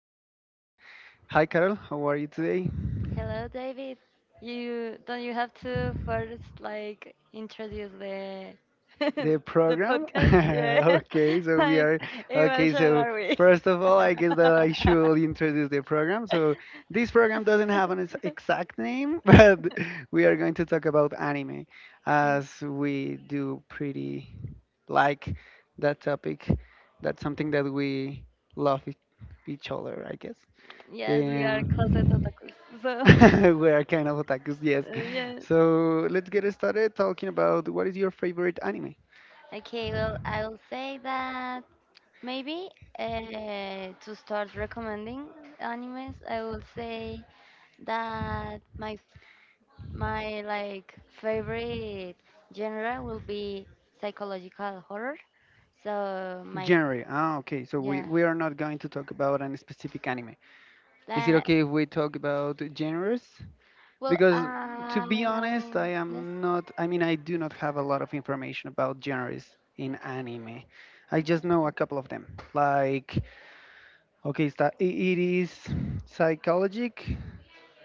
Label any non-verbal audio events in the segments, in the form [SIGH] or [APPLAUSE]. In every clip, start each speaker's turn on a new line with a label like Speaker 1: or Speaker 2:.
Speaker 1: started. Hi, Carol. How are you today?
Speaker 2: Hello, David. You don't you have to first like introduce the [LAUGHS]
Speaker 1: The
Speaker 2: the
Speaker 1: program?
Speaker 2: podcast? Yeah,
Speaker 1: [LAUGHS]
Speaker 2: [LAUGHS]
Speaker 1: okay, so we
Speaker 2: like
Speaker 1: are.
Speaker 2: in what
Speaker 1: Okay,
Speaker 2: show
Speaker 1: so
Speaker 2: are we?
Speaker 1: first of all, I guess that I should introduce the program. So this program doesn't have an
Speaker 2: [LAUGHS]
Speaker 1: exact name, [LAUGHS] but we are going to talk about anime as we do pretty like that topic. That's something that we love each other, I guess.
Speaker 2: Yes, we are closet
Speaker 1: Um,
Speaker 2: otakus. So
Speaker 1: [LAUGHS] we are kind of otakus, yes.
Speaker 2: [LAUGHS] yeah.
Speaker 1: So let's get started talking about what is your favorite anime
Speaker 2: Okay, well, I'll say that maybe to start recommending animes, I will say that my like favorite genre will be psychological horror. So, my
Speaker 1: genre. Ah, okay. So we,
Speaker 2: yeah,
Speaker 1: we are not going to talk about any specific anime. Is it
Speaker 2: that,
Speaker 1: okay if we talk about genres?
Speaker 2: well,
Speaker 1: Because to be honest, I
Speaker 2: yes,
Speaker 1: am not. I mean, I do not have a lot of information about genres in anime. I just know a couple of them. Like, okay, it is psychologic.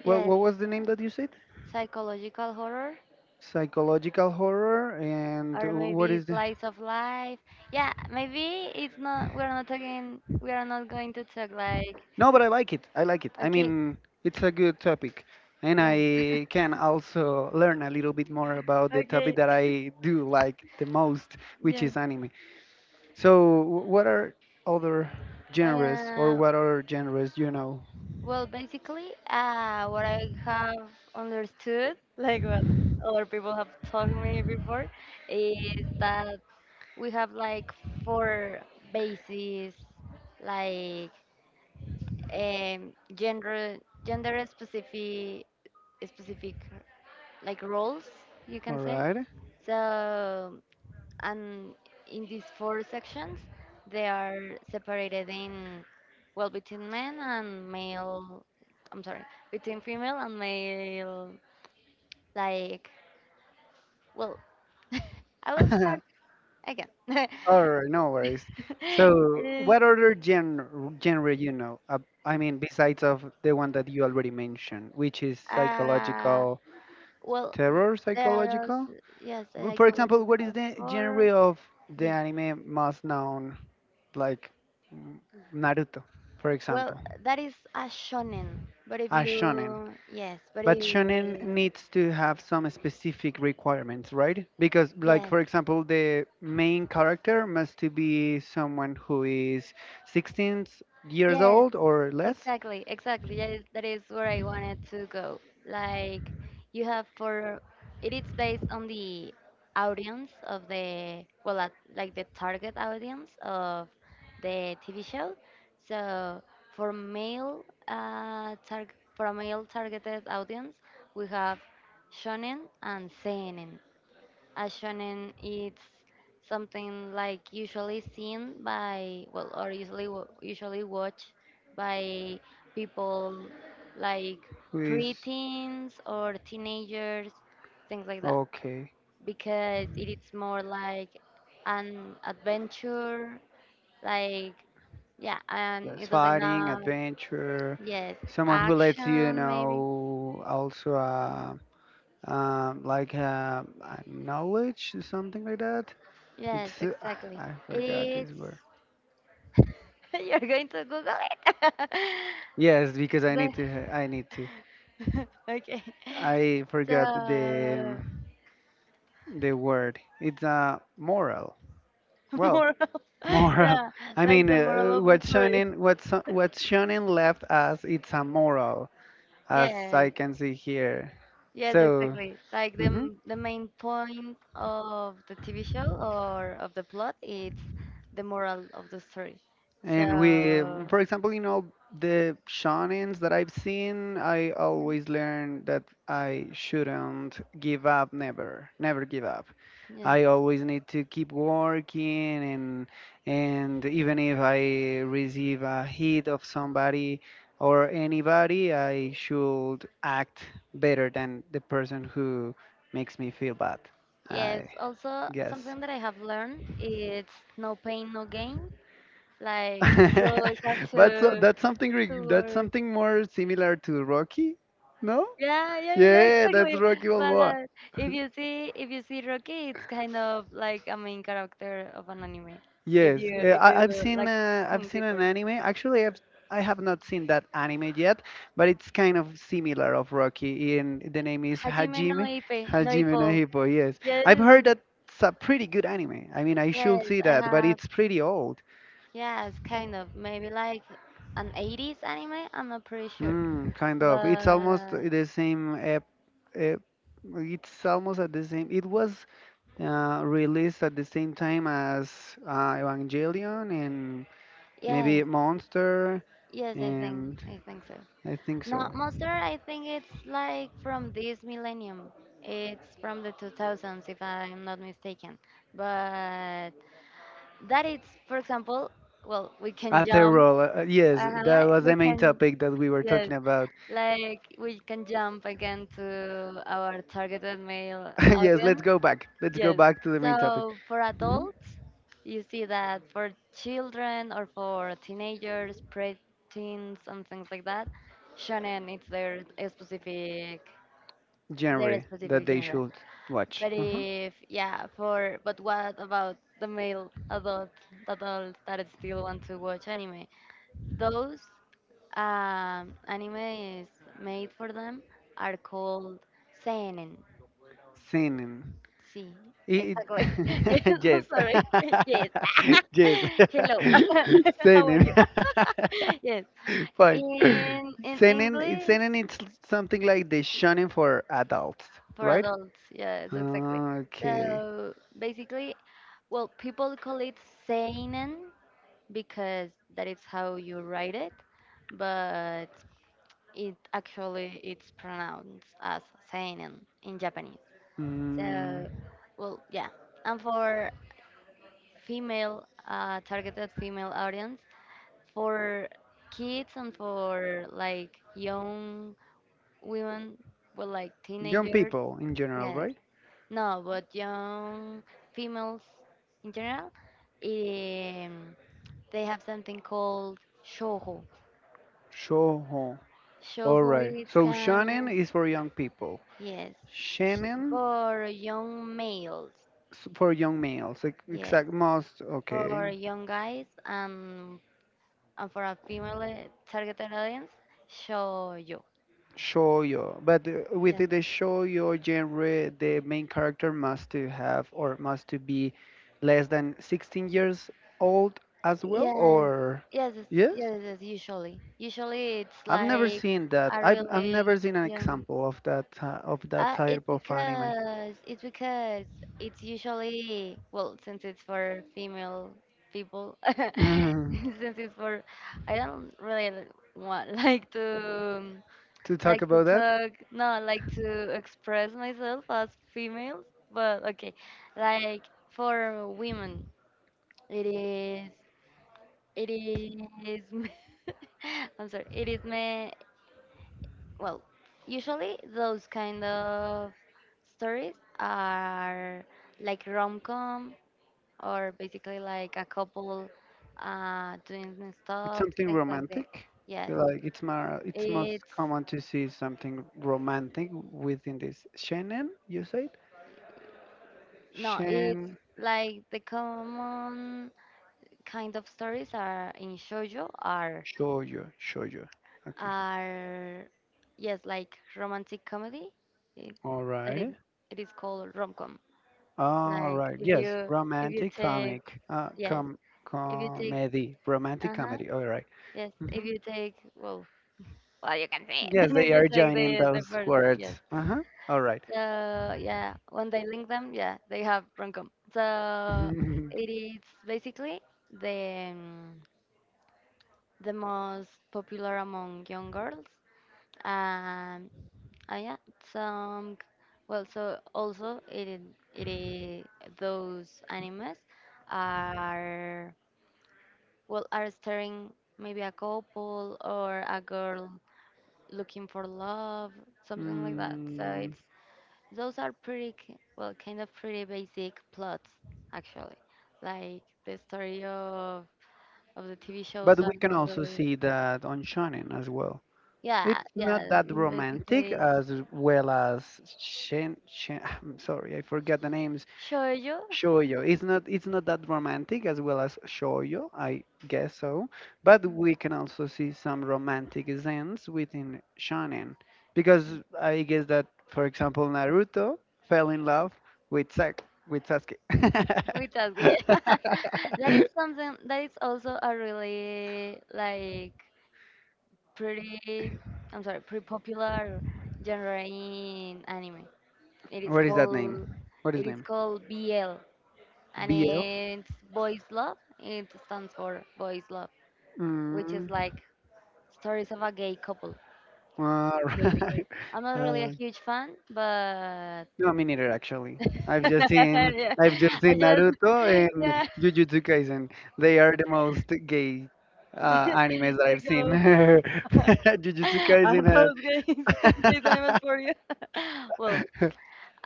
Speaker 1: What
Speaker 2: yes,
Speaker 1: what was the name that you said?
Speaker 2: psychological horror
Speaker 1: Psychological horror. And
Speaker 2: or
Speaker 1: what
Speaker 2: maybe
Speaker 1: is the
Speaker 2: slice of life. Yeah, maybe it's not. We're not talking. We are not going to talk, like,
Speaker 1: no, but I like it, I like it, I
Speaker 2: okay,
Speaker 1: mean it's a good topic, and
Speaker 2: yeah.
Speaker 1: I can also learn a little bit more about the topic
Speaker 2: Okay.
Speaker 1: that
Speaker 2: [LAUGHS]
Speaker 1: I do like the most, which
Speaker 2: Yes.
Speaker 1: is anime. So what are other genres, or
Speaker 2: Uh.
Speaker 1: what other genres you know?
Speaker 2: Well, basically, what I have understood, like what other people have told me before, is that we have like four bases, like, um, gender gender specific like roles, you can
Speaker 1: All
Speaker 2: say.
Speaker 1: right.
Speaker 2: So, and in these four sections they are separated in, well, between men and male, I'm sorry, between female and male, like, well, I will start
Speaker 1: [LAUGHS]
Speaker 2: again. [LAUGHS]
Speaker 1: All right, no worries. So
Speaker 2: It is,
Speaker 1: what other genre you know, I mean besides of the one that you already mentioned, which is
Speaker 2: uh
Speaker 1: psychological.
Speaker 2: well,
Speaker 1: Terror
Speaker 2: there is,
Speaker 1: psychological?
Speaker 2: yes, a
Speaker 1: But for example, what is
Speaker 2: psychological
Speaker 1: the
Speaker 2: horror.
Speaker 1: genre of the
Speaker 2: Yes,
Speaker 1: anime most known? Like mm, Naruto, for
Speaker 2: well,
Speaker 1: example,
Speaker 2: that is a shonen. But if
Speaker 1: as
Speaker 2: you,
Speaker 1: shonen.
Speaker 2: yes, but
Speaker 1: But
Speaker 2: if,
Speaker 1: shonen needs to have some specific requirements, right? Because, like
Speaker 2: yes,
Speaker 1: for example, the main character must to be someone who is 16 years
Speaker 2: yes,
Speaker 1: old or less.
Speaker 2: exactly, exactly. That is where I wanted to go. Like, you have for, it is based on the audience of the, well, at, like the target audience of the TV show. So, for a male targeted audience, we have shonen and seinen. A shonen, it's something like usually seen by, well, or usually usually watched by people like
Speaker 1: Who is
Speaker 2: preteens or teenagers, things like that.
Speaker 1: okay?
Speaker 2: Because it is more like an adventure, like, yeah, and
Speaker 1: Yes,
Speaker 2: it doesn't
Speaker 1: fighting,
Speaker 2: have,
Speaker 1: adventure,
Speaker 2: yes,
Speaker 1: someone who lets you
Speaker 2: action maybe.
Speaker 1: know also like a knowledge, something like that.
Speaker 2: Yes,
Speaker 1: It's [SIGHS]
Speaker 2: exactly.
Speaker 1: I forgot this word.
Speaker 2: It's, [LAUGHS] you're going to Google it.
Speaker 1: Yes, because I
Speaker 2: [LAUGHS] But,
Speaker 1: need to. I need to.
Speaker 2: [LAUGHS] okay.
Speaker 1: I forgot
Speaker 2: The,
Speaker 1: the word. It's moral.
Speaker 2: [LAUGHS]
Speaker 1: Well,
Speaker 2: moral,
Speaker 1: [LAUGHS]
Speaker 2: [LAUGHS]
Speaker 1: moral.
Speaker 2: yeah,
Speaker 1: I
Speaker 2: like
Speaker 1: mean,
Speaker 2: the moral of the story.
Speaker 1: What Shonen left us, it's a moral, as I
Speaker 2: Yes,
Speaker 1: can see here.
Speaker 2: yes,
Speaker 1: So.
Speaker 2: exactly. Like the
Speaker 1: Mhm.
Speaker 2: m- the main point of the TV show or of the plot, it's the moral of the story.
Speaker 1: And we,
Speaker 2: So,
Speaker 1: for example, you know, the shonens that I've seen, I
Speaker 2: yeah,
Speaker 1: always learn that I shouldn't give up, never, never give up.
Speaker 2: yes,
Speaker 1: I always need to keep working, and even if I receive a hit of somebody or anybody, I should act better than the person who makes me feel bad.
Speaker 2: yes.
Speaker 1: I
Speaker 2: Also,
Speaker 1: guess.
Speaker 2: something that I have learned, it's no pain, no gain. Like, you always have
Speaker 1: [LAUGHS] But so,
Speaker 2: to to
Speaker 1: that's
Speaker 2: work.
Speaker 1: something more similar to Rocky, no?
Speaker 2: Yeah, yeah, yeah,
Speaker 1: Yeah, that's
Speaker 2: exactly.
Speaker 1: Rocky
Speaker 2: But
Speaker 1: Balboa.
Speaker 2: if you see Rocky, it's kind of like a main character of an anime. If
Speaker 1: Yes,
Speaker 2: you if you like
Speaker 1: I've
Speaker 2: think
Speaker 1: seen an
Speaker 2: deeper.
Speaker 1: anime. Actually, I have not seen that anime yet, but it's kind of similar of Rocky. And the name is
Speaker 2: Hajime no
Speaker 1: Hajime.
Speaker 2: Ipe, no
Speaker 1: Hajime
Speaker 2: Ippo.
Speaker 1: no Hippo. Yes,
Speaker 2: Yes,
Speaker 1: I've heard that it's a pretty good anime. I mean, I should
Speaker 2: yes,
Speaker 1: see
Speaker 2: I
Speaker 1: that, but
Speaker 2: have.
Speaker 1: it's pretty old.
Speaker 2: Yes, kind of. Maybe like an 80s anime. I'm not pretty sure,
Speaker 1: Kind of. It's almost
Speaker 2: but
Speaker 1: the same. Uh, it's almost at the same. It was released at the same time as Evangelion and
Speaker 2: yes,
Speaker 1: maybe Monster,
Speaker 2: yes, I think
Speaker 1: and
Speaker 2: I think so.
Speaker 1: I think
Speaker 2: No,
Speaker 1: so.
Speaker 2: Monster, I think it's like from this millennium. It's from the 2000s, if I'm not mistaken. But that is, for example, well, we can jump.
Speaker 1: Aterol, yes, that
Speaker 2: Uh-huh,
Speaker 1: was
Speaker 2: we
Speaker 1: the main
Speaker 2: can,
Speaker 1: topic that we were
Speaker 2: yes,
Speaker 1: talking about.
Speaker 2: like we can jump again to our targeted male
Speaker 1: [LAUGHS] Yes, let's
Speaker 2: audience.
Speaker 1: go back. Let's go
Speaker 2: Yes.
Speaker 1: back to the main topic.
Speaker 2: So for
Speaker 1: Mhm.
Speaker 2: adults, you see that for children or for teenagers, preteens, and things like that, shonen, it's their specific
Speaker 1: Genre that they
Speaker 2: genre.
Speaker 1: should watch.
Speaker 2: But
Speaker 1: Uh-huh.
Speaker 2: if yeah, for but what about the male adults that still want to watch anime? Those, anime is made for them, are called seinen.
Speaker 1: Seinen.
Speaker 2: See,
Speaker 1: It,
Speaker 2: exactly. [LAUGHS] Yes,
Speaker 1: [LAUGHS]
Speaker 2: I'm
Speaker 1: yes,
Speaker 2: sorry. [LAUGHS] Yes.
Speaker 1: [LAUGHS] yes,
Speaker 2: [LAUGHS] Hello.
Speaker 1: [LAUGHS]
Speaker 2: [LAUGHS] How are
Speaker 1: Zenon.
Speaker 2: you? [LAUGHS] Yes.
Speaker 1: [LAUGHS] Fine.
Speaker 2: In
Speaker 1: Zenon,
Speaker 2: English,
Speaker 1: Zenon, it's something like the shonen for adults,
Speaker 2: for
Speaker 1: right?
Speaker 2: adults. Yes, exactly.
Speaker 1: Ah, okay.
Speaker 2: So basically, well, people call it seinen because that is how you write it, but it actually it's pronounced as seinen in Japanese.
Speaker 1: Mm,
Speaker 2: So, well, yeah. And for female targeted female audience for kids and for, like, young women, well, like
Speaker 1: young
Speaker 2: teenagers,
Speaker 1: people in general,
Speaker 2: yes,
Speaker 1: right?
Speaker 2: no, but young females in general, um, they have something called shoujo.
Speaker 1: Shoujo. All
Speaker 2: Shoujo,
Speaker 1: right.
Speaker 2: it's
Speaker 1: So shonen
Speaker 2: kind,
Speaker 1: is for young people.
Speaker 2: yes, sh-
Speaker 1: Shonen
Speaker 2: for young males,
Speaker 1: for young males.
Speaker 2: yes,
Speaker 1: Exact most.
Speaker 2: for
Speaker 1: Okay.
Speaker 2: young guys. And for a female targeted audience, show you.
Speaker 1: Show Shoujo, but
Speaker 2: Yes,
Speaker 1: within the shoujo genre, the main character must to have or must to be less than 16 years old as well,
Speaker 2: yes,
Speaker 1: or
Speaker 2: yes, it's,
Speaker 1: yes,
Speaker 2: yes, yes. Usually, usually it's
Speaker 1: I've never
Speaker 2: like
Speaker 1: seen that.
Speaker 2: a
Speaker 1: I've
Speaker 2: really
Speaker 1: never seen an
Speaker 2: young.
Speaker 1: example of that
Speaker 2: It's
Speaker 1: type of anime.
Speaker 2: because it's usually, well, since it's for female people, [LAUGHS]
Speaker 1: Mhm.
Speaker 2: since it's for, I don't really want [LAUGHS] like to
Speaker 1: To talk about that?
Speaker 2: talk no, like to express myself as females, but okay, like, for women, it is, it is [LAUGHS] I'm sorry, it is me. Well, usually those kind of stories are like rom-com, or basically like a couple doing
Speaker 1: It's
Speaker 2: stuff,
Speaker 1: something
Speaker 2: things like that.
Speaker 1: romantic.
Speaker 2: Yes,
Speaker 1: Like it's more, it's most
Speaker 2: it's,
Speaker 1: common to see something romantic within this shonen. You said
Speaker 2: no, it's
Speaker 1: shen
Speaker 2: like, the common kind of stories are in shoujo are
Speaker 1: shoujo. Okay.
Speaker 2: are yes, like romantic comedy, it,
Speaker 1: All
Speaker 2: that, it,
Speaker 1: right.
Speaker 2: it is called rom-com.
Speaker 1: All
Speaker 2: Like,
Speaker 1: right.
Speaker 2: if
Speaker 1: Yes,
Speaker 2: you if you
Speaker 1: romantic
Speaker 2: take,
Speaker 1: comic,
Speaker 2: yes, if you take,
Speaker 1: comedy, romantic
Speaker 2: uh-huh,
Speaker 1: comedy. All right.
Speaker 2: yes,
Speaker 1: Mhm.
Speaker 2: if you take, well, well, you can say it, [LAUGHS]
Speaker 1: Yes,
Speaker 2: if
Speaker 1: they
Speaker 2: you
Speaker 1: are
Speaker 2: take
Speaker 1: joining
Speaker 2: the
Speaker 1: those
Speaker 2: first,
Speaker 1: words.
Speaker 2: yes.
Speaker 1: Uh-huh. All right.
Speaker 2: So, yeah, when they link them, yeah, they have rom-com. So
Speaker 1: [LAUGHS]
Speaker 2: it is basically the, the most popular among young girls, um, oh yeah, some, well, so also it is those animals are, well, are staring maybe a couple or a girl looking for love, something like that. So
Speaker 1: Mm,
Speaker 2: it's, those are pretty well, kind of pretty basic plots actually. Like the story of the TV shows
Speaker 1: but we
Speaker 2: are
Speaker 1: can
Speaker 2: not
Speaker 1: also
Speaker 2: really,
Speaker 1: see that on shonen as well.
Speaker 2: yeah,
Speaker 1: It's not
Speaker 2: yeah,
Speaker 1: that romantic
Speaker 2: basically
Speaker 1: as well as [SIGHS] I'm sorry, I forgot the name.
Speaker 2: show you.
Speaker 1: Shoujo. It's
Speaker 2: [LAUGHS]
Speaker 1: not that romantic as well as shoujo, I guess so. But we can also see some romantic scenes within shonen, because I guess that, for example, Naruto fell in love with Sak with Sasuke.
Speaker 2: Muchas gracias.
Speaker 1: [LAUGHS]
Speaker 2: That is something that is also a really, like, pretty, I'm sorry, pretty popular genre in anime. It is
Speaker 1: What is that name?
Speaker 2: called
Speaker 1: What
Speaker 2: it
Speaker 1: is
Speaker 2: is
Speaker 1: name?
Speaker 2: called BL, and
Speaker 1: BL.
Speaker 2: it's boys love. It stands for boys love, which is
Speaker 1: Mm,
Speaker 2: like stories of a gay couple,
Speaker 1: uh,
Speaker 2: basically. I'm
Speaker 1: [LAUGHS]
Speaker 2: not really a
Speaker 1: uh,
Speaker 2: huge fan, but
Speaker 1: no, me neither actually. I've
Speaker 2: [LAUGHS]
Speaker 1: just seen
Speaker 2: yeah,
Speaker 1: I've just
Speaker 2: I
Speaker 1: seen
Speaker 2: just,
Speaker 1: Naruto
Speaker 2: [LAUGHS]
Speaker 1: and
Speaker 2: yeah,
Speaker 1: Jujutsu Kaisen. They are the most gay
Speaker 2: [LAUGHS]
Speaker 1: animes that
Speaker 2: they
Speaker 1: I've seen.
Speaker 2: go,
Speaker 1: [LAUGHS] Jujutsu
Speaker 2: [LAUGHS]
Speaker 1: Kaisen
Speaker 2: are those games [LAUGHS] these animals for you? [LAUGHS] Well,
Speaker 1: has.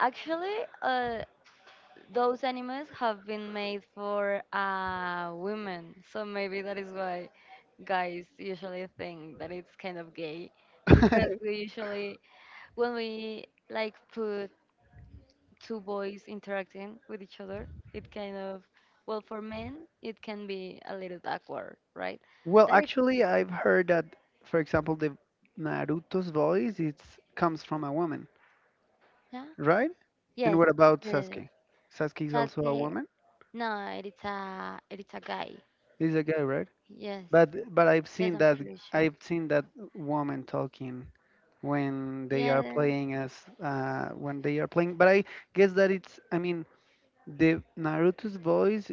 Speaker 2: actually, uh, those animals have been made for women, so maybe that is why guys usually think that it's kind of gay, because we usually, when we like put two boys interacting with each other, it kind of, well, for men, it can be a little awkward, right?
Speaker 1: [LAUGHS] Well,
Speaker 2: That is,
Speaker 1: actually, I've heard that, for example, the Naruto's voice it comes from a woman,
Speaker 2: yeah,
Speaker 1: right? And
Speaker 2: yes,
Speaker 1: what about
Speaker 2: yes.
Speaker 1: Sasuke? Sasuke is also a
Speaker 2: Sasuke?
Speaker 1: woman.
Speaker 2: No, it's a guy.
Speaker 1: He's a guy, right?
Speaker 2: Yes,
Speaker 1: But
Speaker 2: yes, I'm pretty sure.
Speaker 1: I've seen that woman talking when they are
Speaker 2: Yeah,
Speaker 1: playing as when they are playing. But I guess that it's I mean the Naruto's voice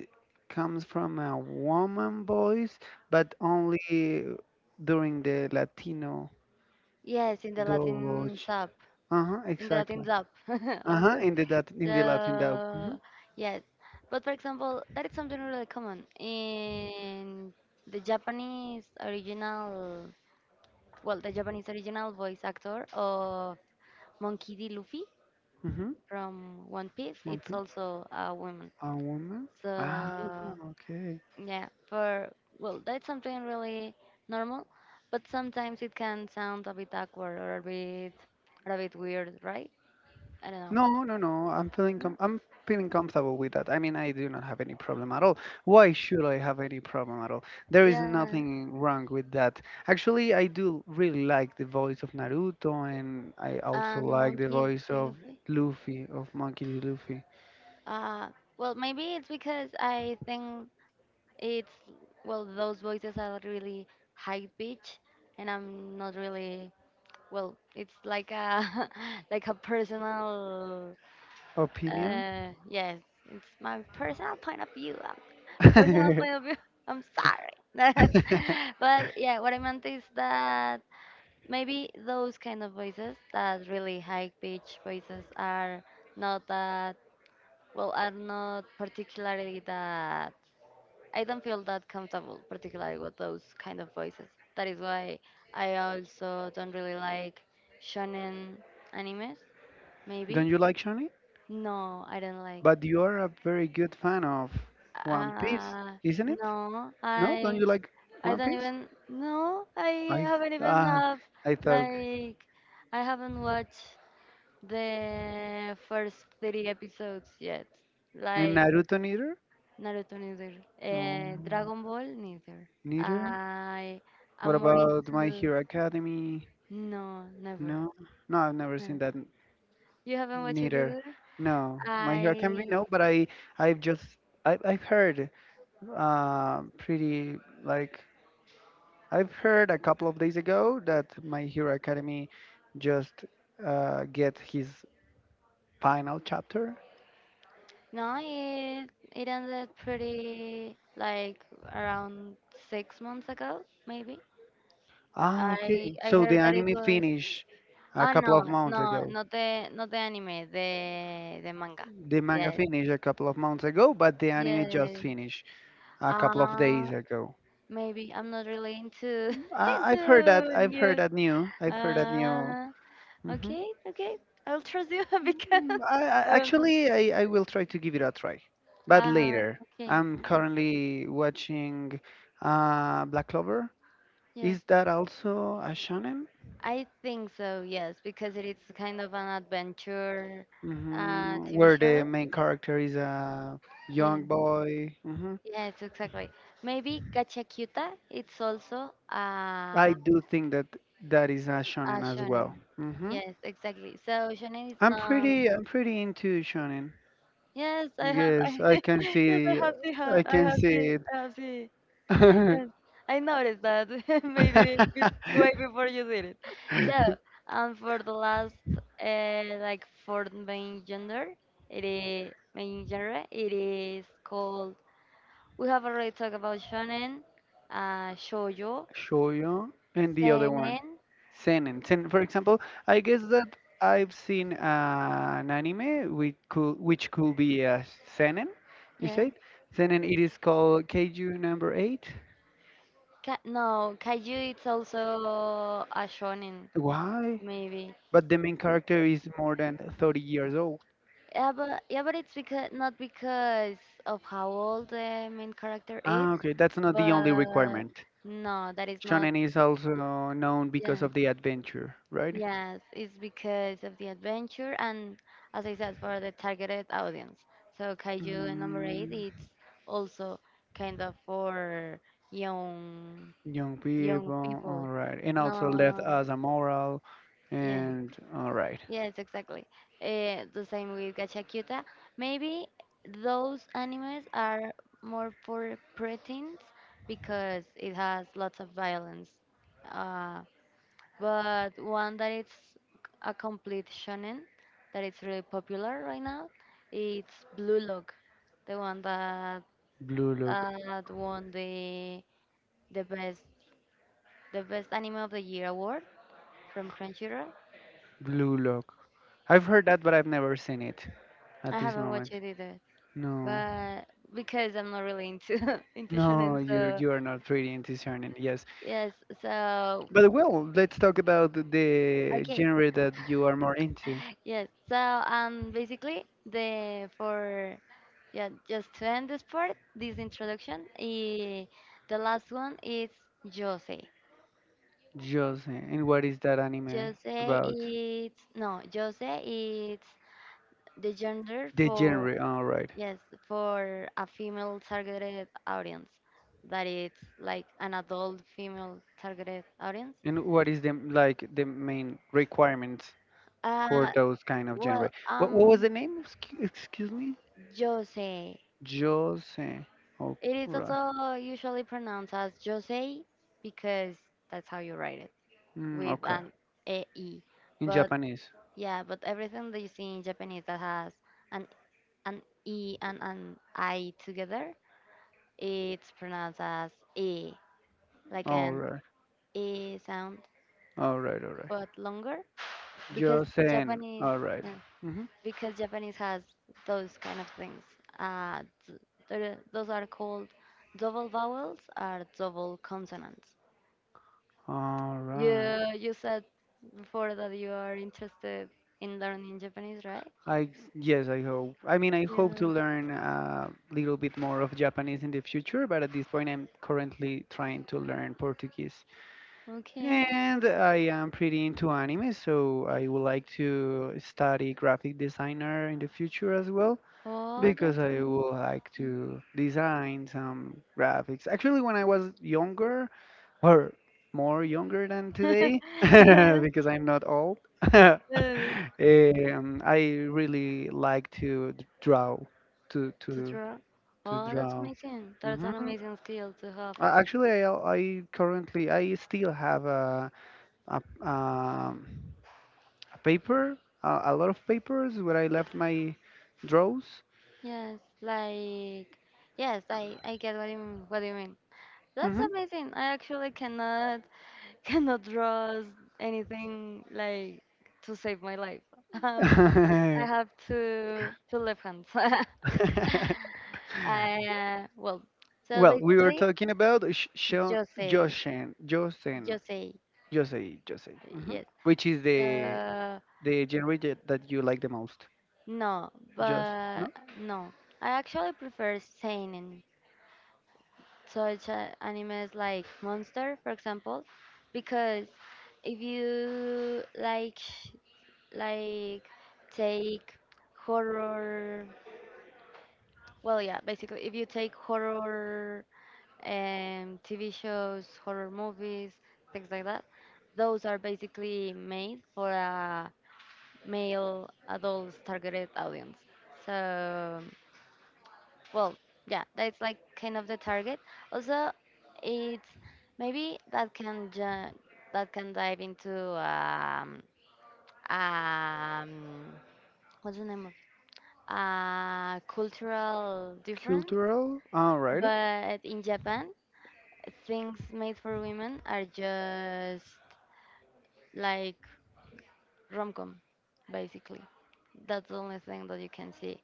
Speaker 1: comes from a woman voice, but only during the Latino
Speaker 2: yes, in the
Speaker 1: double.
Speaker 2: Latin sub,
Speaker 1: Uh huh.
Speaker 2: in the Latin
Speaker 1: Exactly.
Speaker 2: sub. [LAUGHS]
Speaker 1: Uh
Speaker 2: I'm
Speaker 1: huh.
Speaker 2: sorry.
Speaker 1: In the that in the Latin dub. Mm-hmm.
Speaker 2: So yes, but for example, that is something really common in the Japanese original. Well, the Japanese original voice actor of Monkey D. Luffy from One Piece, it's
Speaker 1: Mm-hmm.
Speaker 2: also a woman.
Speaker 1: A woman.
Speaker 2: So,
Speaker 1: Ah. Okay.
Speaker 2: yeah, for, well, that's something really normal, but sometimes it can sound a bit awkward or a bit weird, right? I don't know.
Speaker 1: No, no, no.
Speaker 2: No.
Speaker 1: I'm feeling comfortable with that. I mean, I do not have any problem at all. Why should I have any problem at all? There is
Speaker 2: Yeah,
Speaker 1: nothing wrong with that. Actually, I do really like the voice of Naruto, and I also
Speaker 2: and
Speaker 1: like the
Speaker 2: monkey
Speaker 1: voice of
Speaker 2: delivery.
Speaker 1: Luffy, of Monkey D. Luffy.
Speaker 2: Uh, well, maybe it's because I think it's, well, those voices are really high pitch, and I'm not really, well. It's like a, [LAUGHS] like a personal,
Speaker 1: Opinion?
Speaker 2: Yes, it's my personal point of view. Personal point
Speaker 1: [LAUGHS]
Speaker 2: of view. [LAUGHS] I'm sorry, [LAUGHS] but yeah, what I meant is that maybe those kind of voices, that really high pitched voices, are not that, well, are not particularly that. I don't feel that comfortable, particularly with those kind of voices. That is why I also don't really like shonen animes.
Speaker 1: Don't
Speaker 2: Maybe,
Speaker 1: you like Shani?
Speaker 2: no, I don't like.
Speaker 1: But you are a very good fan of One Piece,
Speaker 2: Uh,
Speaker 1: isn't it?
Speaker 2: no,
Speaker 1: No, don't
Speaker 2: I
Speaker 1: you like
Speaker 2: I
Speaker 1: One
Speaker 2: don't
Speaker 1: Piece?
Speaker 2: even, no, I
Speaker 1: I
Speaker 2: haven't even
Speaker 1: ah,
Speaker 2: have,
Speaker 1: I thought
Speaker 2: like, I haven't watched the first three episodes yet.
Speaker 1: I
Speaker 2: Like,
Speaker 1: Naruto neither.
Speaker 2: Naruto neither,
Speaker 1: No,
Speaker 2: Dragon Ball neither.
Speaker 1: neither.
Speaker 2: I
Speaker 1: What
Speaker 2: am more
Speaker 1: about My
Speaker 2: into,
Speaker 1: Hero Academy?
Speaker 2: no, never,
Speaker 1: No, no, I've never seen
Speaker 2: never.
Speaker 1: that
Speaker 2: You haven't watched it
Speaker 1: neither.
Speaker 2: either?
Speaker 1: No, My Hero Academy,
Speaker 2: I,
Speaker 1: no. But I've just I've heard pretty like I've heard a couple of days ago that My Hero Academy just get his final chapter.
Speaker 2: no, it ended pretty, like, around 6 months ago, maybe.
Speaker 1: Ah,
Speaker 2: I
Speaker 1: okay.
Speaker 2: I
Speaker 1: So the
Speaker 2: heard that it
Speaker 1: anime
Speaker 2: was,
Speaker 1: finished a
Speaker 2: ah,
Speaker 1: couple
Speaker 2: no,
Speaker 1: of months
Speaker 2: no,
Speaker 1: ago.
Speaker 2: not the, anime the manga,
Speaker 1: The manga
Speaker 2: yes,
Speaker 1: finished a couple of months ago, but the anime just
Speaker 2: yes,
Speaker 1: finished a couple of
Speaker 2: uh
Speaker 1: days ago.
Speaker 2: maybe I'm not really into [LAUGHS]
Speaker 1: I, I've heard
Speaker 2: into
Speaker 1: that. I've heard
Speaker 2: news,
Speaker 1: that new. I've heard that new.
Speaker 2: uh
Speaker 1: Hmm.
Speaker 2: okay, okay, I'll trust you, [LAUGHS] because I, not-
Speaker 1: I will try to give it a try, but later.
Speaker 2: okay,
Speaker 1: I'm currently watching Black Clover.
Speaker 2: yes,
Speaker 1: Is that also a shonen?
Speaker 2: I think so. Yes, because it is kind of an adventure,
Speaker 1: Hmm.
Speaker 2: TV
Speaker 1: Where the
Speaker 2: show,
Speaker 1: main character is a
Speaker 2: yeah.
Speaker 1: young boy. Hmm.
Speaker 2: Yes, exactly. Maybe Gachakuta, it's also a,
Speaker 1: I do think that that is a
Speaker 2: a
Speaker 1: shonen as well.
Speaker 2: shonen.
Speaker 1: Mm-hmm.
Speaker 2: Yes, exactly. So shonen is not.
Speaker 1: I'm pretty into shonen.
Speaker 2: Yes, I have.
Speaker 1: Yes,
Speaker 2: I, [LAUGHS] yes, I have the,
Speaker 1: I
Speaker 2: I
Speaker 1: can
Speaker 2: have
Speaker 1: see
Speaker 2: the,
Speaker 1: it.
Speaker 2: I have the. Yes,
Speaker 1: [LAUGHS]
Speaker 2: I noticed that, [LAUGHS] maybe way before you did it. So, and for the last, like, for the main gender, it is main genre. It is called. We have already talked about shonen, shoujo.
Speaker 1: Shoyo and the other one.
Speaker 2: Seinen,
Speaker 1: Seinen. Sen, for example, I guess that I've seen an anime which could be a seinen. You
Speaker 2: yeah.
Speaker 1: said seinen. It is called Keiju Number Eight.
Speaker 2: Ka no, kaiju it's also a shonen,
Speaker 1: Why?
Speaker 2: maybe.
Speaker 1: But the main character is more than 30 years old.
Speaker 2: Yeah, but, yeah, but it's because, not because of how old the main character is,
Speaker 1: Ah, okay, that's not the only
Speaker 2: but
Speaker 1: requirement.
Speaker 2: no, that is not.
Speaker 1: Shonen is also known because
Speaker 2: Yes,
Speaker 1: of the adventure, right?
Speaker 2: yes, it's because of the adventure and, as I said, for the targeted audience. So kaiju and number eight,
Speaker 1: Mm,
Speaker 2: it's also kind of for young
Speaker 1: young
Speaker 2: young
Speaker 1: people, all
Speaker 2: people.
Speaker 1: right. And also left
Speaker 2: No,
Speaker 1: as a moral,
Speaker 2: yeah.
Speaker 1: and all right.
Speaker 2: Yes, exactly. The same with Gachacuta. Maybe those animes are more for preteens because it has lots of violence. Uh, but one that it's a complete shonen that it's really popular right now, it's Blue Lock, the one that
Speaker 1: Blue Lock,
Speaker 2: that won the best anime of the year award from Crunchyroll.
Speaker 1: Blue Lock. I've heard that, but I've never seen it at
Speaker 2: I
Speaker 1: this
Speaker 2: haven't watched
Speaker 1: moment.
Speaker 2: it either.
Speaker 1: No,
Speaker 2: But because I'm not really into [LAUGHS] into
Speaker 1: no,
Speaker 2: shonen,
Speaker 1: you
Speaker 2: so
Speaker 1: you are not really into shonen. Yes,
Speaker 2: yes, so
Speaker 1: but well, let's talk about the
Speaker 2: okay,
Speaker 1: genre that you are more into,
Speaker 2: yes, so, basically the for, yeah, just to end this part, this introduction, eh, the last one is Jose.
Speaker 1: Jose. And what is that anime
Speaker 2: Jose
Speaker 1: about?
Speaker 2: is, no, Jose is the gender
Speaker 1: The
Speaker 2: for,
Speaker 1: genre. All right.
Speaker 2: yes, for a female targeted audience, that it's like an adult female targeted audience.
Speaker 1: And what is the like the main requirements
Speaker 2: Uh,
Speaker 1: for those kind of
Speaker 2: well,
Speaker 1: genre? What was the name? Excuse me.
Speaker 2: Jose.
Speaker 1: Jose. Oh,
Speaker 2: It is
Speaker 1: right.
Speaker 2: also usually pronounced as Jose because that's how you write it with
Speaker 1: Okay.
Speaker 2: an A e e.
Speaker 1: In
Speaker 2: But
Speaker 1: Japanese.
Speaker 2: yeah, but everything that you see in Japanese that has an an e and an I together, it's pronounced as e, like
Speaker 1: All
Speaker 2: an
Speaker 1: right.
Speaker 2: e sound,
Speaker 1: All right. All right.
Speaker 2: but longer because
Speaker 1: Josen.
Speaker 2: Japanese,
Speaker 1: All right.
Speaker 2: yeah,
Speaker 1: Mm-hmm.
Speaker 2: Japanese has those kind of things. Uh, Those are called double vowels or double consonants.
Speaker 1: All right.
Speaker 2: You said before that you are interested in learning Japanese, right?
Speaker 1: I yes, I hope. I mean, I
Speaker 2: Yeah.
Speaker 1: hope to learn a little bit more of Japanese in the future, but at this point, I'm currently trying to learn Portuguese.
Speaker 2: Okay.
Speaker 1: And I am pretty into anime, so I would like to study graphic designer in the future as well
Speaker 2: Oh,
Speaker 1: because
Speaker 2: that's
Speaker 1: I
Speaker 2: amazing.
Speaker 1: would like to design some graphics. Actually, when I was younger, or more younger than today, [LAUGHS]
Speaker 2: [LAUGHS] Yes,
Speaker 1: because I'm not old, [LAUGHS] um,
Speaker 2: yes.
Speaker 1: I really like to draw, to
Speaker 2: To
Speaker 1: to
Speaker 2: draw.
Speaker 1: to
Speaker 2: Oh, that's
Speaker 1: draw.
Speaker 2: amazing. That's
Speaker 1: Hmm.
Speaker 2: an amazing skill to have.
Speaker 1: Actually, I still have a, um a paper, a lot of papers where I left my draws.
Speaker 2: Yes, like yes, I get what you mean, what you mean. That's
Speaker 1: Hmm.
Speaker 2: amazing. I actually cannot [LAUGHS] cannot draw anything like to save my life. [LAUGHS] Um, I
Speaker 1: [LAUGHS]
Speaker 2: have two left hands. [LAUGHS] I uh, well, so
Speaker 1: Well, we were
Speaker 2: basically,
Speaker 1: talking about
Speaker 2: Jose,
Speaker 1: Josen, Josen,
Speaker 2: Jose,
Speaker 1: Jose, hmm,
Speaker 2: yes.
Speaker 1: which is
Speaker 2: Uh,
Speaker 1: the genre that that you like the most.
Speaker 2: no,
Speaker 1: Just
Speaker 2: but
Speaker 1: no
Speaker 2: no. I actually prefer seinen such animes like Monster, for example, because if you like take horror Well, yeah, basically, if you take horror TV shows, horror movies, things like that, those are basically made for a male adults targeted audience. So, well, yeah, that's like kind of the target. Also, it's maybe that can dive into um, what's the name of cultural difference,
Speaker 1: cultural. All right,
Speaker 2: but in Japan things made for women are just like rom-com, basically. That's the only thing that you can see,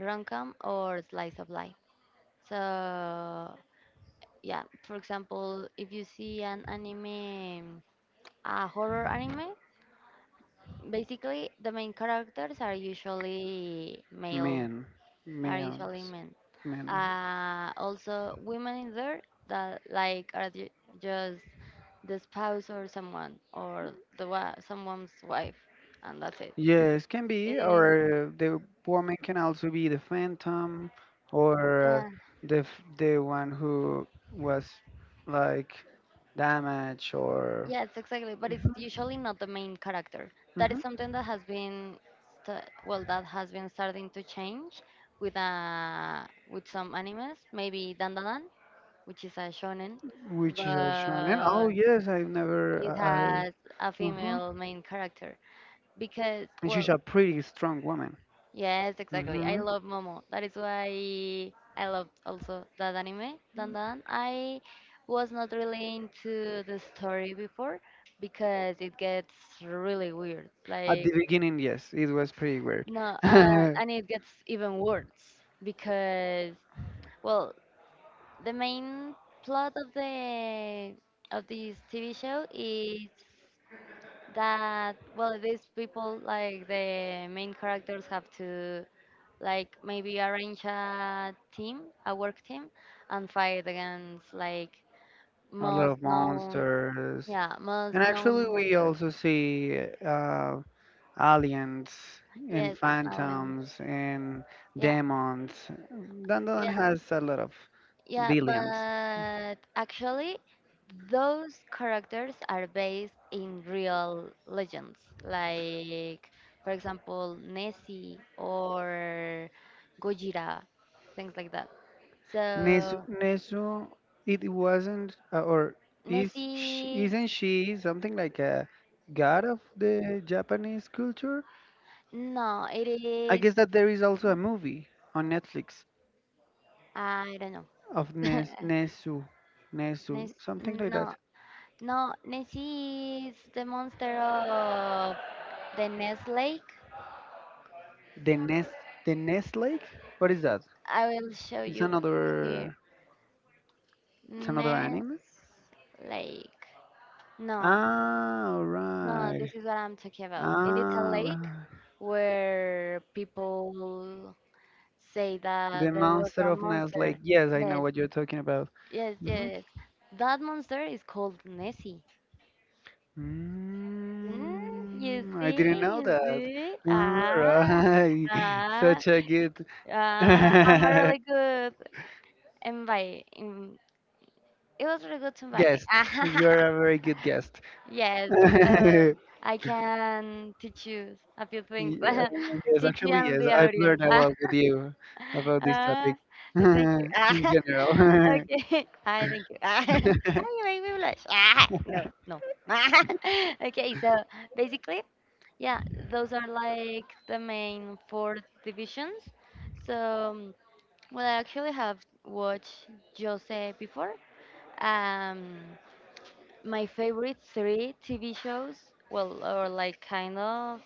Speaker 2: rom-com or slice of life. So yeah, for example, if you see an anime, a horror anime, basically the main characters are
Speaker 1: man,
Speaker 2: are usually
Speaker 1: mans,
Speaker 2: men.
Speaker 1: man.
Speaker 2: Also women in there that are just the spouse or someone or someone's wife, and that's it.
Speaker 1: Yes, can be,
Speaker 2: Eh,
Speaker 1: or the woman can also be the phantom, or
Speaker 2: Yeah,
Speaker 1: the the one who was like damaged, or
Speaker 2: yeah, it's exactly, but it's
Speaker 1: mhm,
Speaker 2: usually not the main character. That is
Speaker 1: mhm,
Speaker 2: something that has been sta well, that has been starting to change with some animes, maybe Dandadan, which is a shonen,
Speaker 1: which is a shonen. Oh
Speaker 2: but
Speaker 1: yes, I've never
Speaker 2: it
Speaker 1: I. I-
Speaker 2: has a
Speaker 1: uh-huh.
Speaker 2: female main character because
Speaker 1: And she's
Speaker 2: well,
Speaker 1: a pretty strong woman.
Speaker 2: Yes, exactly. I
Speaker 1: Hmm.
Speaker 2: love Momo. That is why I loved also that anime, Dandan. I was not really into the story before because it gets really weird.
Speaker 1: At the
Speaker 2: Like,
Speaker 1: beginning, yes, it was pretty weird.
Speaker 2: no,
Speaker 1: [LAUGHS]
Speaker 2: and it gets even worse because, well, the main plot of the of this TV show is that well, these people like the main characters have to like maybe arrange a team, a work team, and fight against like
Speaker 1: A lot
Speaker 2: most
Speaker 1: of
Speaker 2: known,
Speaker 1: monsters,
Speaker 2: yeah, most
Speaker 1: and actually,
Speaker 2: known
Speaker 1: we
Speaker 2: monsters.
Speaker 1: also see uh, aliens, in
Speaker 2: Yes, and aliens.
Speaker 1: phantoms, in
Speaker 2: Yeah,
Speaker 1: demons. Dandadan
Speaker 2: yeah,
Speaker 1: has a lot of
Speaker 2: yeah.
Speaker 1: villains.
Speaker 2: But actually, those characters are based in real legends, like for example Nessie or Gojira, things like that.
Speaker 1: Nezu,
Speaker 2: So
Speaker 1: Nezu it wasn't, or is sh
Speaker 2: Nessie,
Speaker 1: isn't she something like a god of the Japanese culture?
Speaker 2: no, it
Speaker 1: I
Speaker 2: is
Speaker 1: guess that there is also a movie on Netflix
Speaker 2: I don't know.
Speaker 1: of
Speaker 2: [LAUGHS]
Speaker 1: Nes Nezu,
Speaker 2: Nes
Speaker 1: Nezu, something like
Speaker 2: no,
Speaker 1: that.
Speaker 2: no, Nessie is the monster of the Ness Lake.
Speaker 1: The Nest, the Nest Lake. What is that?
Speaker 2: I will show
Speaker 1: It's
Speaker 2: you here.
Speaker 1: another, it's another
Speaker 2: Ness
Speaker 1: anime.
Speaker 2: Lake. No,
Speaker 1: Ah, all
Speaker 2: no,
Speaker 1: right.
Speaker 2: this is what I'm talking about. It is a
Speaker 1: Ah,
Speaker 2: lake
Speaker 1: right.
Speaker 2: where people say
Speaker 1: The
Speaker 2: that there was
Speaker 1: monster
Speaker 2: a
Speaker 1: of Nest Lake.
Speaker 2: monster.
Speaker 1: Yes, I know
Speaker 2: Yes,
Speaker 1: what you're talking about.
Speaker 2: yes,
Speaker 1: Hmm.
Speaker 2: yes. That monster is called Nessie. Mm,
Speaker 1: I didn't know
Speaker 2: you
Speaker 1: that.
Speaker 2: see.
Speaker 1: All right. [LAUGHS]
Speaker 2: Ah,
Speaker 1: Such a good
Speaker 2: ah. I'm a really good invite. It was really good to
Speaker 1: [LAUGHS]
Speaker 2: invite me.
Speaker 1: guest.
Speaker 2: [LAUGHS]
Speaker 1: You're a very good guest. [LAUGHS]
Speaker 2: Yes, uh, I can teach you a few things.
Speaker 1: Yeah,
Speaker 2: [LAUGHS]
Speaker 1: yes,
Speaker 2: Teach you
Speaker 1: actually,
Speaker 2: and
Speaker 1: yes.
Speaker 2: the
Speaker 1: I've
Speaker 2: audience.
Speaker 1: learned a lot with
Speaker 2: [LAUGHS]
Speaker 1: you about this
Speaker 2: Ah,
Speaker 1: topic [LAUGHS]
Speaker 2: thank you.
Speaker 1: in
Speaker 2: Ah, [LAUGHS]
Speaker 1: general.
Speaker 2: okay. Hi, thank you. [LAUGHS] Ah,
Speaker 1: [LAUGHS]
Speaker 2: you make me blush. [LAUGHS] Ah, no, no. [LAUGHS] Okay, so basically. Yeah, those are like the main four divisions. So, well, I actually have watched Jose before. Um, my favorite three TV shows, well, or like kind of,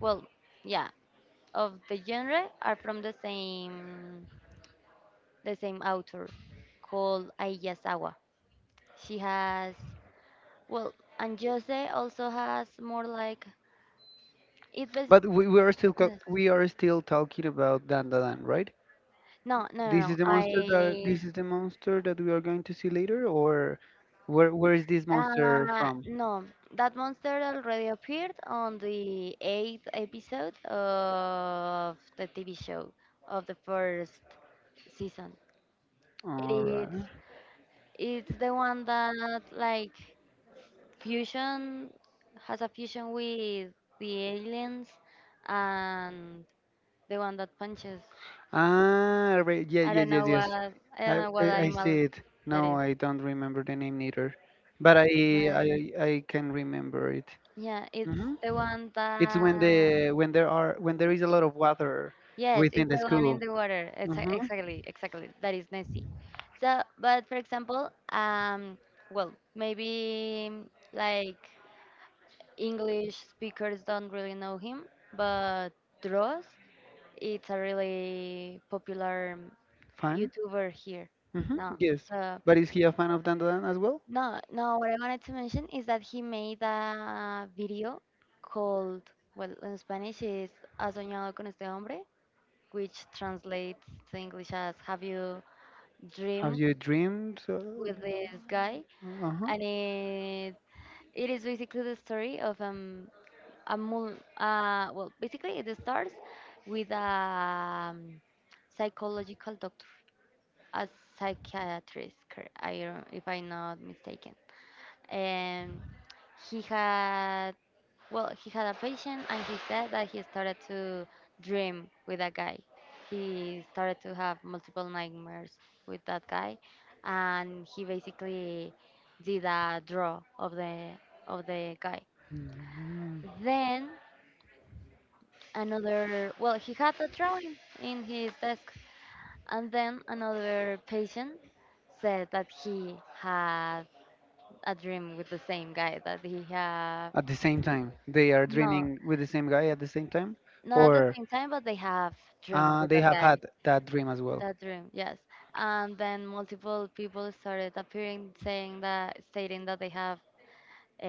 Speaker 2: well, yeah, of the genre are from the same author called Ayasawa. She has, well, and Jose also has more like it was.
Speaker 1: But
Speaker 2: Yes.
Speaker 1: we are still talking about Dandadan, right?
Speaker 2: No, no, no, no. I
Speaker 1: This is the monster that we are going to see later, or where is this monster from?
Speaker 2: No, that monster already appeared on the eighth episode of the TV show of the first season. It
Speaker 1: All
Speaker 2: is
Speaker 1: right.
Speaker 2: it's the one that like fusion has a fusion with the aliens and the one that punches.
Speaker 1: Ah, right. Yeah,
Speaker 2: I
Speaker 1: yeah,
Speaker 2: don't
Speaker 1: yes,
Speaker 2: know
Speaker 1: yes.
Speaker 2: what I
Speaker 1: I,
Speaker 2: don't know what
Speaker 1: I see
Speaker 2: animal
Speaker 1: it.
Speaker 2: that
Speaker 1: No,
Speaker 2: is.
Speaker 1: I don't remember the name neither, but
Speaker 2: But
Speaker 1: I can remember it.
Speaker 2: yeah, it's
Speaker 1: Hmm.
Speaker 2: the one
Speaker 1: It's when the
Speaker 2: that
Speaker 1: when there are when there is a lot of water
Speaker 2: Yes,
Speaker 1: within
Speaker 2: it's
Speaker 1: the
Speaker 2: the one in
Speaker 1: school.
Speaker 2: the water. It's
Speaker 1: Mm-hmm.
Speaker 2: Exactly, exactly. That is Nessie. So, but for example, well, maybe like English speakers don't really know him, but Dross, it's a really popular
Speaker 1: Fun.
Speaker 2: YouTuber here.
Speaker 1: Mm-hmm.
Speaker 2: No,
Speaker 1: Yes.
Speaker 2: so,
Speaker 1: But is he a fan of Dandadan as well?
Speaker 2: no. What I wanted to mention is that he made a video called, well, in Spanish is "Ha soñado con este hombre," which translates to English as "Have you
Speaker 1: Have
Speaker 2: dream
Speaker 1: you dreamed?
Speaker 2: with this guy?"
Speaker 1: Uh huh.
Speaker 2: and it is basically the story of a mul well basically it starts with a um, psychological doctor, a psychiatrist, I don't, if I'm not mistaken, and he had. Well, he had a patient and he said that he started to dream with that guy. He started to have multiple nightmares with that guy and he basically did a draw of the guy. Then another well, he had a drawing in his desk and then another patient said that he had a dream with the same guy that he have
Speaker 1: At the same time, they are
Speaker 2: no,
Speaker 1: dreaming with the same guy at the same time,
Speaker 2: not at the
Speaker 1: or
Speaker 2: same time but they have dreamed with
Speaker 1: they
Speaker 2: that
Speaker 1: have
Speaker 2: guy
Speaker 1: had that dream as well.
Speaker 2: That dream, yes. And then multiple people started appearing, saying that, stating that they have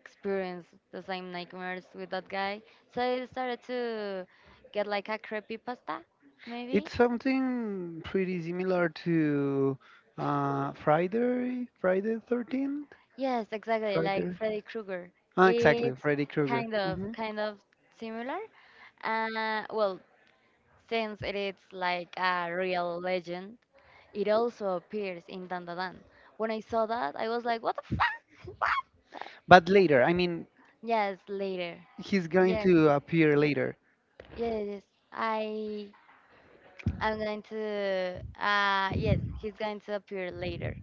Speaker 2: experienced the same nightmares with that guy. So it started to get like a creepypasta,
Speaker 1: It's
Speaker 2: maybe.
Speaker 1: something pretty similar to Friday, Friday 13th,
Speaker 2: Yes, exactly, like
Speaker 1: Friday.
Speaker 2: Freddy Krueger.
Speaker 1: Ah, exactly,
Speaker 2: It's
Speaker 1: Freddy Krueger.
Speaker 2: kind of,
Speaker 1: Hmm.
Speaker 2: kind of similar. Well, since it is like a real legend, it also appears in Dandadan. When I saw that, I was like, "What the fuck?"
Speaker 1: But later, I mean,
Speaker 2: Yes, later.
Speaker 1: he's going
Speaker 2: Yes,
Speaker 1: to appear later.
Speaker 2: yes, yes. I I'm going to yes, he's going to appear later.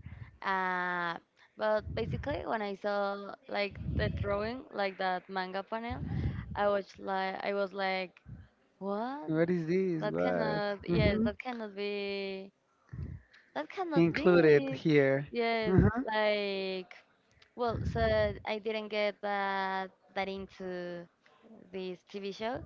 Speaker 2: Uh but basically when I saw like the drawing, like that manga panel, I was like, What?
Speaker 1: What is this?
Speaker 2: That
Speaker 1: What?
Speaker 2: cannot
Speaker 1: Hmm.
Speaker 2: that cannot be that cannot
Speaker 1: Included
Speaker 2: be
Speaker 1: here.
Speaker 2: Yes,
Speaker 1: Hmm.
Speaker 2: like well, so I didn't get that into this TV show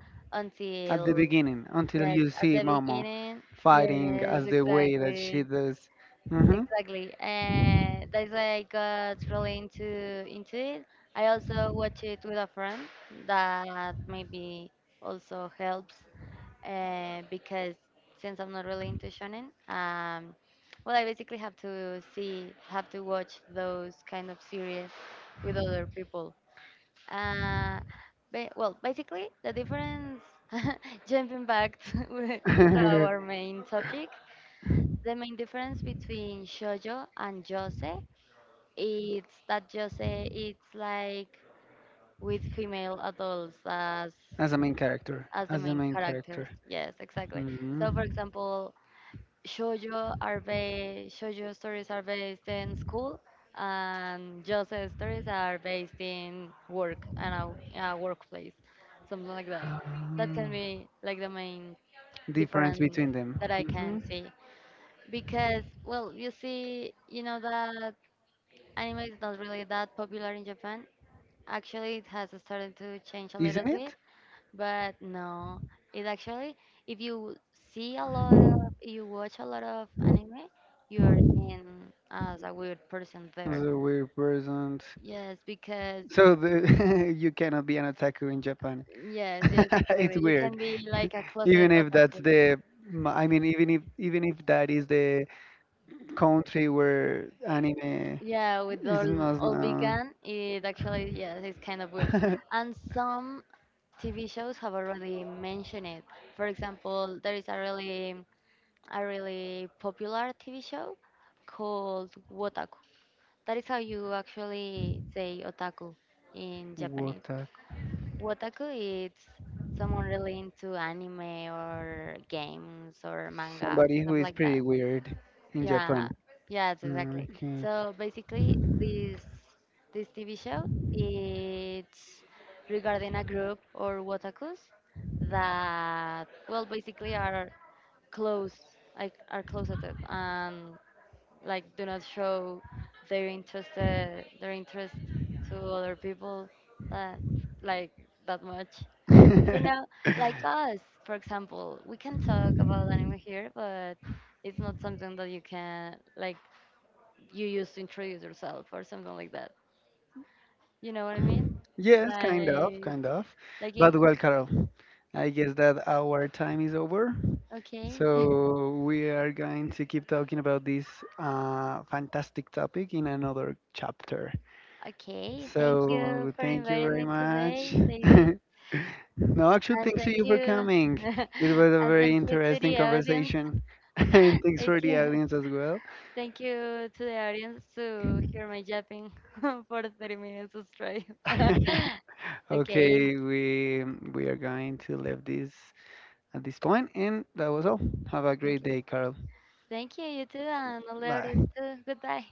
Speaker 1: At the
Speaker 2: until
Speaker 1: beginning until
Speaker 2: Yes,
Speaker 1: you
Speaker 2: at
Speaker 1: see
Speaker 2: the
Speaker 1: Momo
Speaker 2: beginning.
Speaker 1: fighting
Speaker 2: Yes,
Speaker 1: as the way that she
Speaker 2: exactly.
Speaker 1: does. Hmm.
Speaker 2: Exactly. And that's why I got really into it. I also watch it with a friend that maybe also helps because since I'm not really into shonen, well, I basically have to watch those kind of series with other people. Uh, well, basically, the difference, [LAUGHS] jumping back [LAUGHS] to
Speaker 1: [LAUGHS]
Speaker 2: our main topic, the main difference between shoujo and jose is that jose it's like with female adults
Speaker 1: As a main character.
Speaker 2: as the
Speaker 1: As the
Speaker 2: main
Speaker 1: main
Speaker 2: characters.
Speaker 1: character.
Speaker 2: Yes, exactly. So,
Speaker 1: Hmm.
Speaker 2: for example, shoujo stories are based in school and josei stories are based in work and in a workplace something like that
Speaker 1: Ah,
Speaker 2: that can
Speaker 1: [GASPS]
Speaker 2: be like the main
Speaker 1: difference
Speaker 2: difference
Speaker 1: between them.
Speaker 2: that I can
Speaker 1: Hmm.
Speaker 2: see because you know that anime is not really that popular in Japan actually it has started to change a little
Speaker 1: Isn't
Speaker 2: bit
Speaker 1: it?
Speaker 2: but no, it actually, if see a lot of, you watch a lot of anime, you are seen as a weird person
Speaker 1: As
Speaker 2: there.
Speaker 1: a weird person.
Speaker 2: Yes, because
Speaker 1: So the, [LAUGHS] you cannot be an otaku in Japan.
Speaker 2: yes,
Speaker 1: [LAUGHS]
Speaker 2: yes,
Speaker 1: It's
Speaker 2: exactly. You
Speaker 1: weird.
Speaker 2: can be
Speaker 1: [LAUGHS]
Speaker 2: like a closet
Speaker 1: Even if that's
Speaker 2: otaku.
Speaker 1: the even if that is the country where anime
Speaker 2: Yeah, with
Speaker 1: is
Speaker 2: all
Speaker 1: most
Speaker 2: all
Speaker 1: known.
Speaker 2: vegan, it actually yes, it's kind of weird.
Speaker 1: [LAUGHS]
Speaker 2: And some TV shows have already mentioned it. For example, there is a really popular TV show called Wotaku. That is how you actually say otaku in Japanese.
Speaker 1: Wotak.
Speaker 2: Otaku is someone really into anime or games or manga,
Speaker 1: Somebody
Speaker 2: stuff
Speaker 1: who is
Speaker 2: like
Speaker 1: pretty
Speaker 2: that.
Speaker 1: weird in
Speaker 2: Yeah,
Speaker 1: Japan.
Speaker 2: yes, exactly.
Speaker 1: Okay.
Speaker 2: So basically, this TV show it's regarding a group or otakus that well basically are close like are close at like do not show their interest to other people that like that much you know
Speaker 1: [LAUGHS]
Speaker 2: like us for example we can talk about anime here but it's not something that you can like you use to introduce yourself or something like that you know what I mean
Speaker 1: Yes, kind of,
Speaker 2: like
Speaker 1: kind of.
Speaker 2: like
Speaker 1: But
Speaker 2: in,
Speaker 1: well, Carol, I guess that our time is over,
Speaker 2: okay.
Speaker 1: so we are going to keep talking about this fantastic topic in another chapter.
Speaker 2: [LAUGHS] Okay, thank you
Speaker 1: So
Speaker 2: for
Speaker 1: thank you
Speaker 2: inviting
Speaker 1: very
Speaker 2: me
Speaker 1: much.
Speaker 2: today
Speaker 1: [LAUGHS]
Speaker 2: David,
Speaker 1: No, actually,
Speaker 2: and
Speaker 1: thanks to
Speaker 2: thank
Speaker 1: you for
Speaker 2: you
Speaker 1: coming.
Speaker 2: [LAUGHS]
Speaker 1: It was a
Speaker 2: and
Speaker 1: very
Speaker 2: thank you to
Speaker 1: interesting
Speaker 2: the audience.
Speaker 1: conversation, [LAUGHS] and thanks
Speaker 2: Thank
Speaker 1: for the
Speaker 2: you. [LAUGHS]
Speaker 1: audience as well.
Speaker 2: Thank you to the audience to hear my yapping [LAUGHS] for 30 minutes straight. [LAUGHS]
Speaker 1: [LAUGHS]
Speaker 2: Okay.
Speaker 1: Okay, we are going to leave this at this point, and that was all. Have a
Speaker 2: Thank
Speaker 1: great
Speaker 2: you.
Speaker 1: day, Carl.
Speaker 2: Thank you, you too, and all the audience
Speaker 1: Bye.
Speaker 2: too. Goodbye.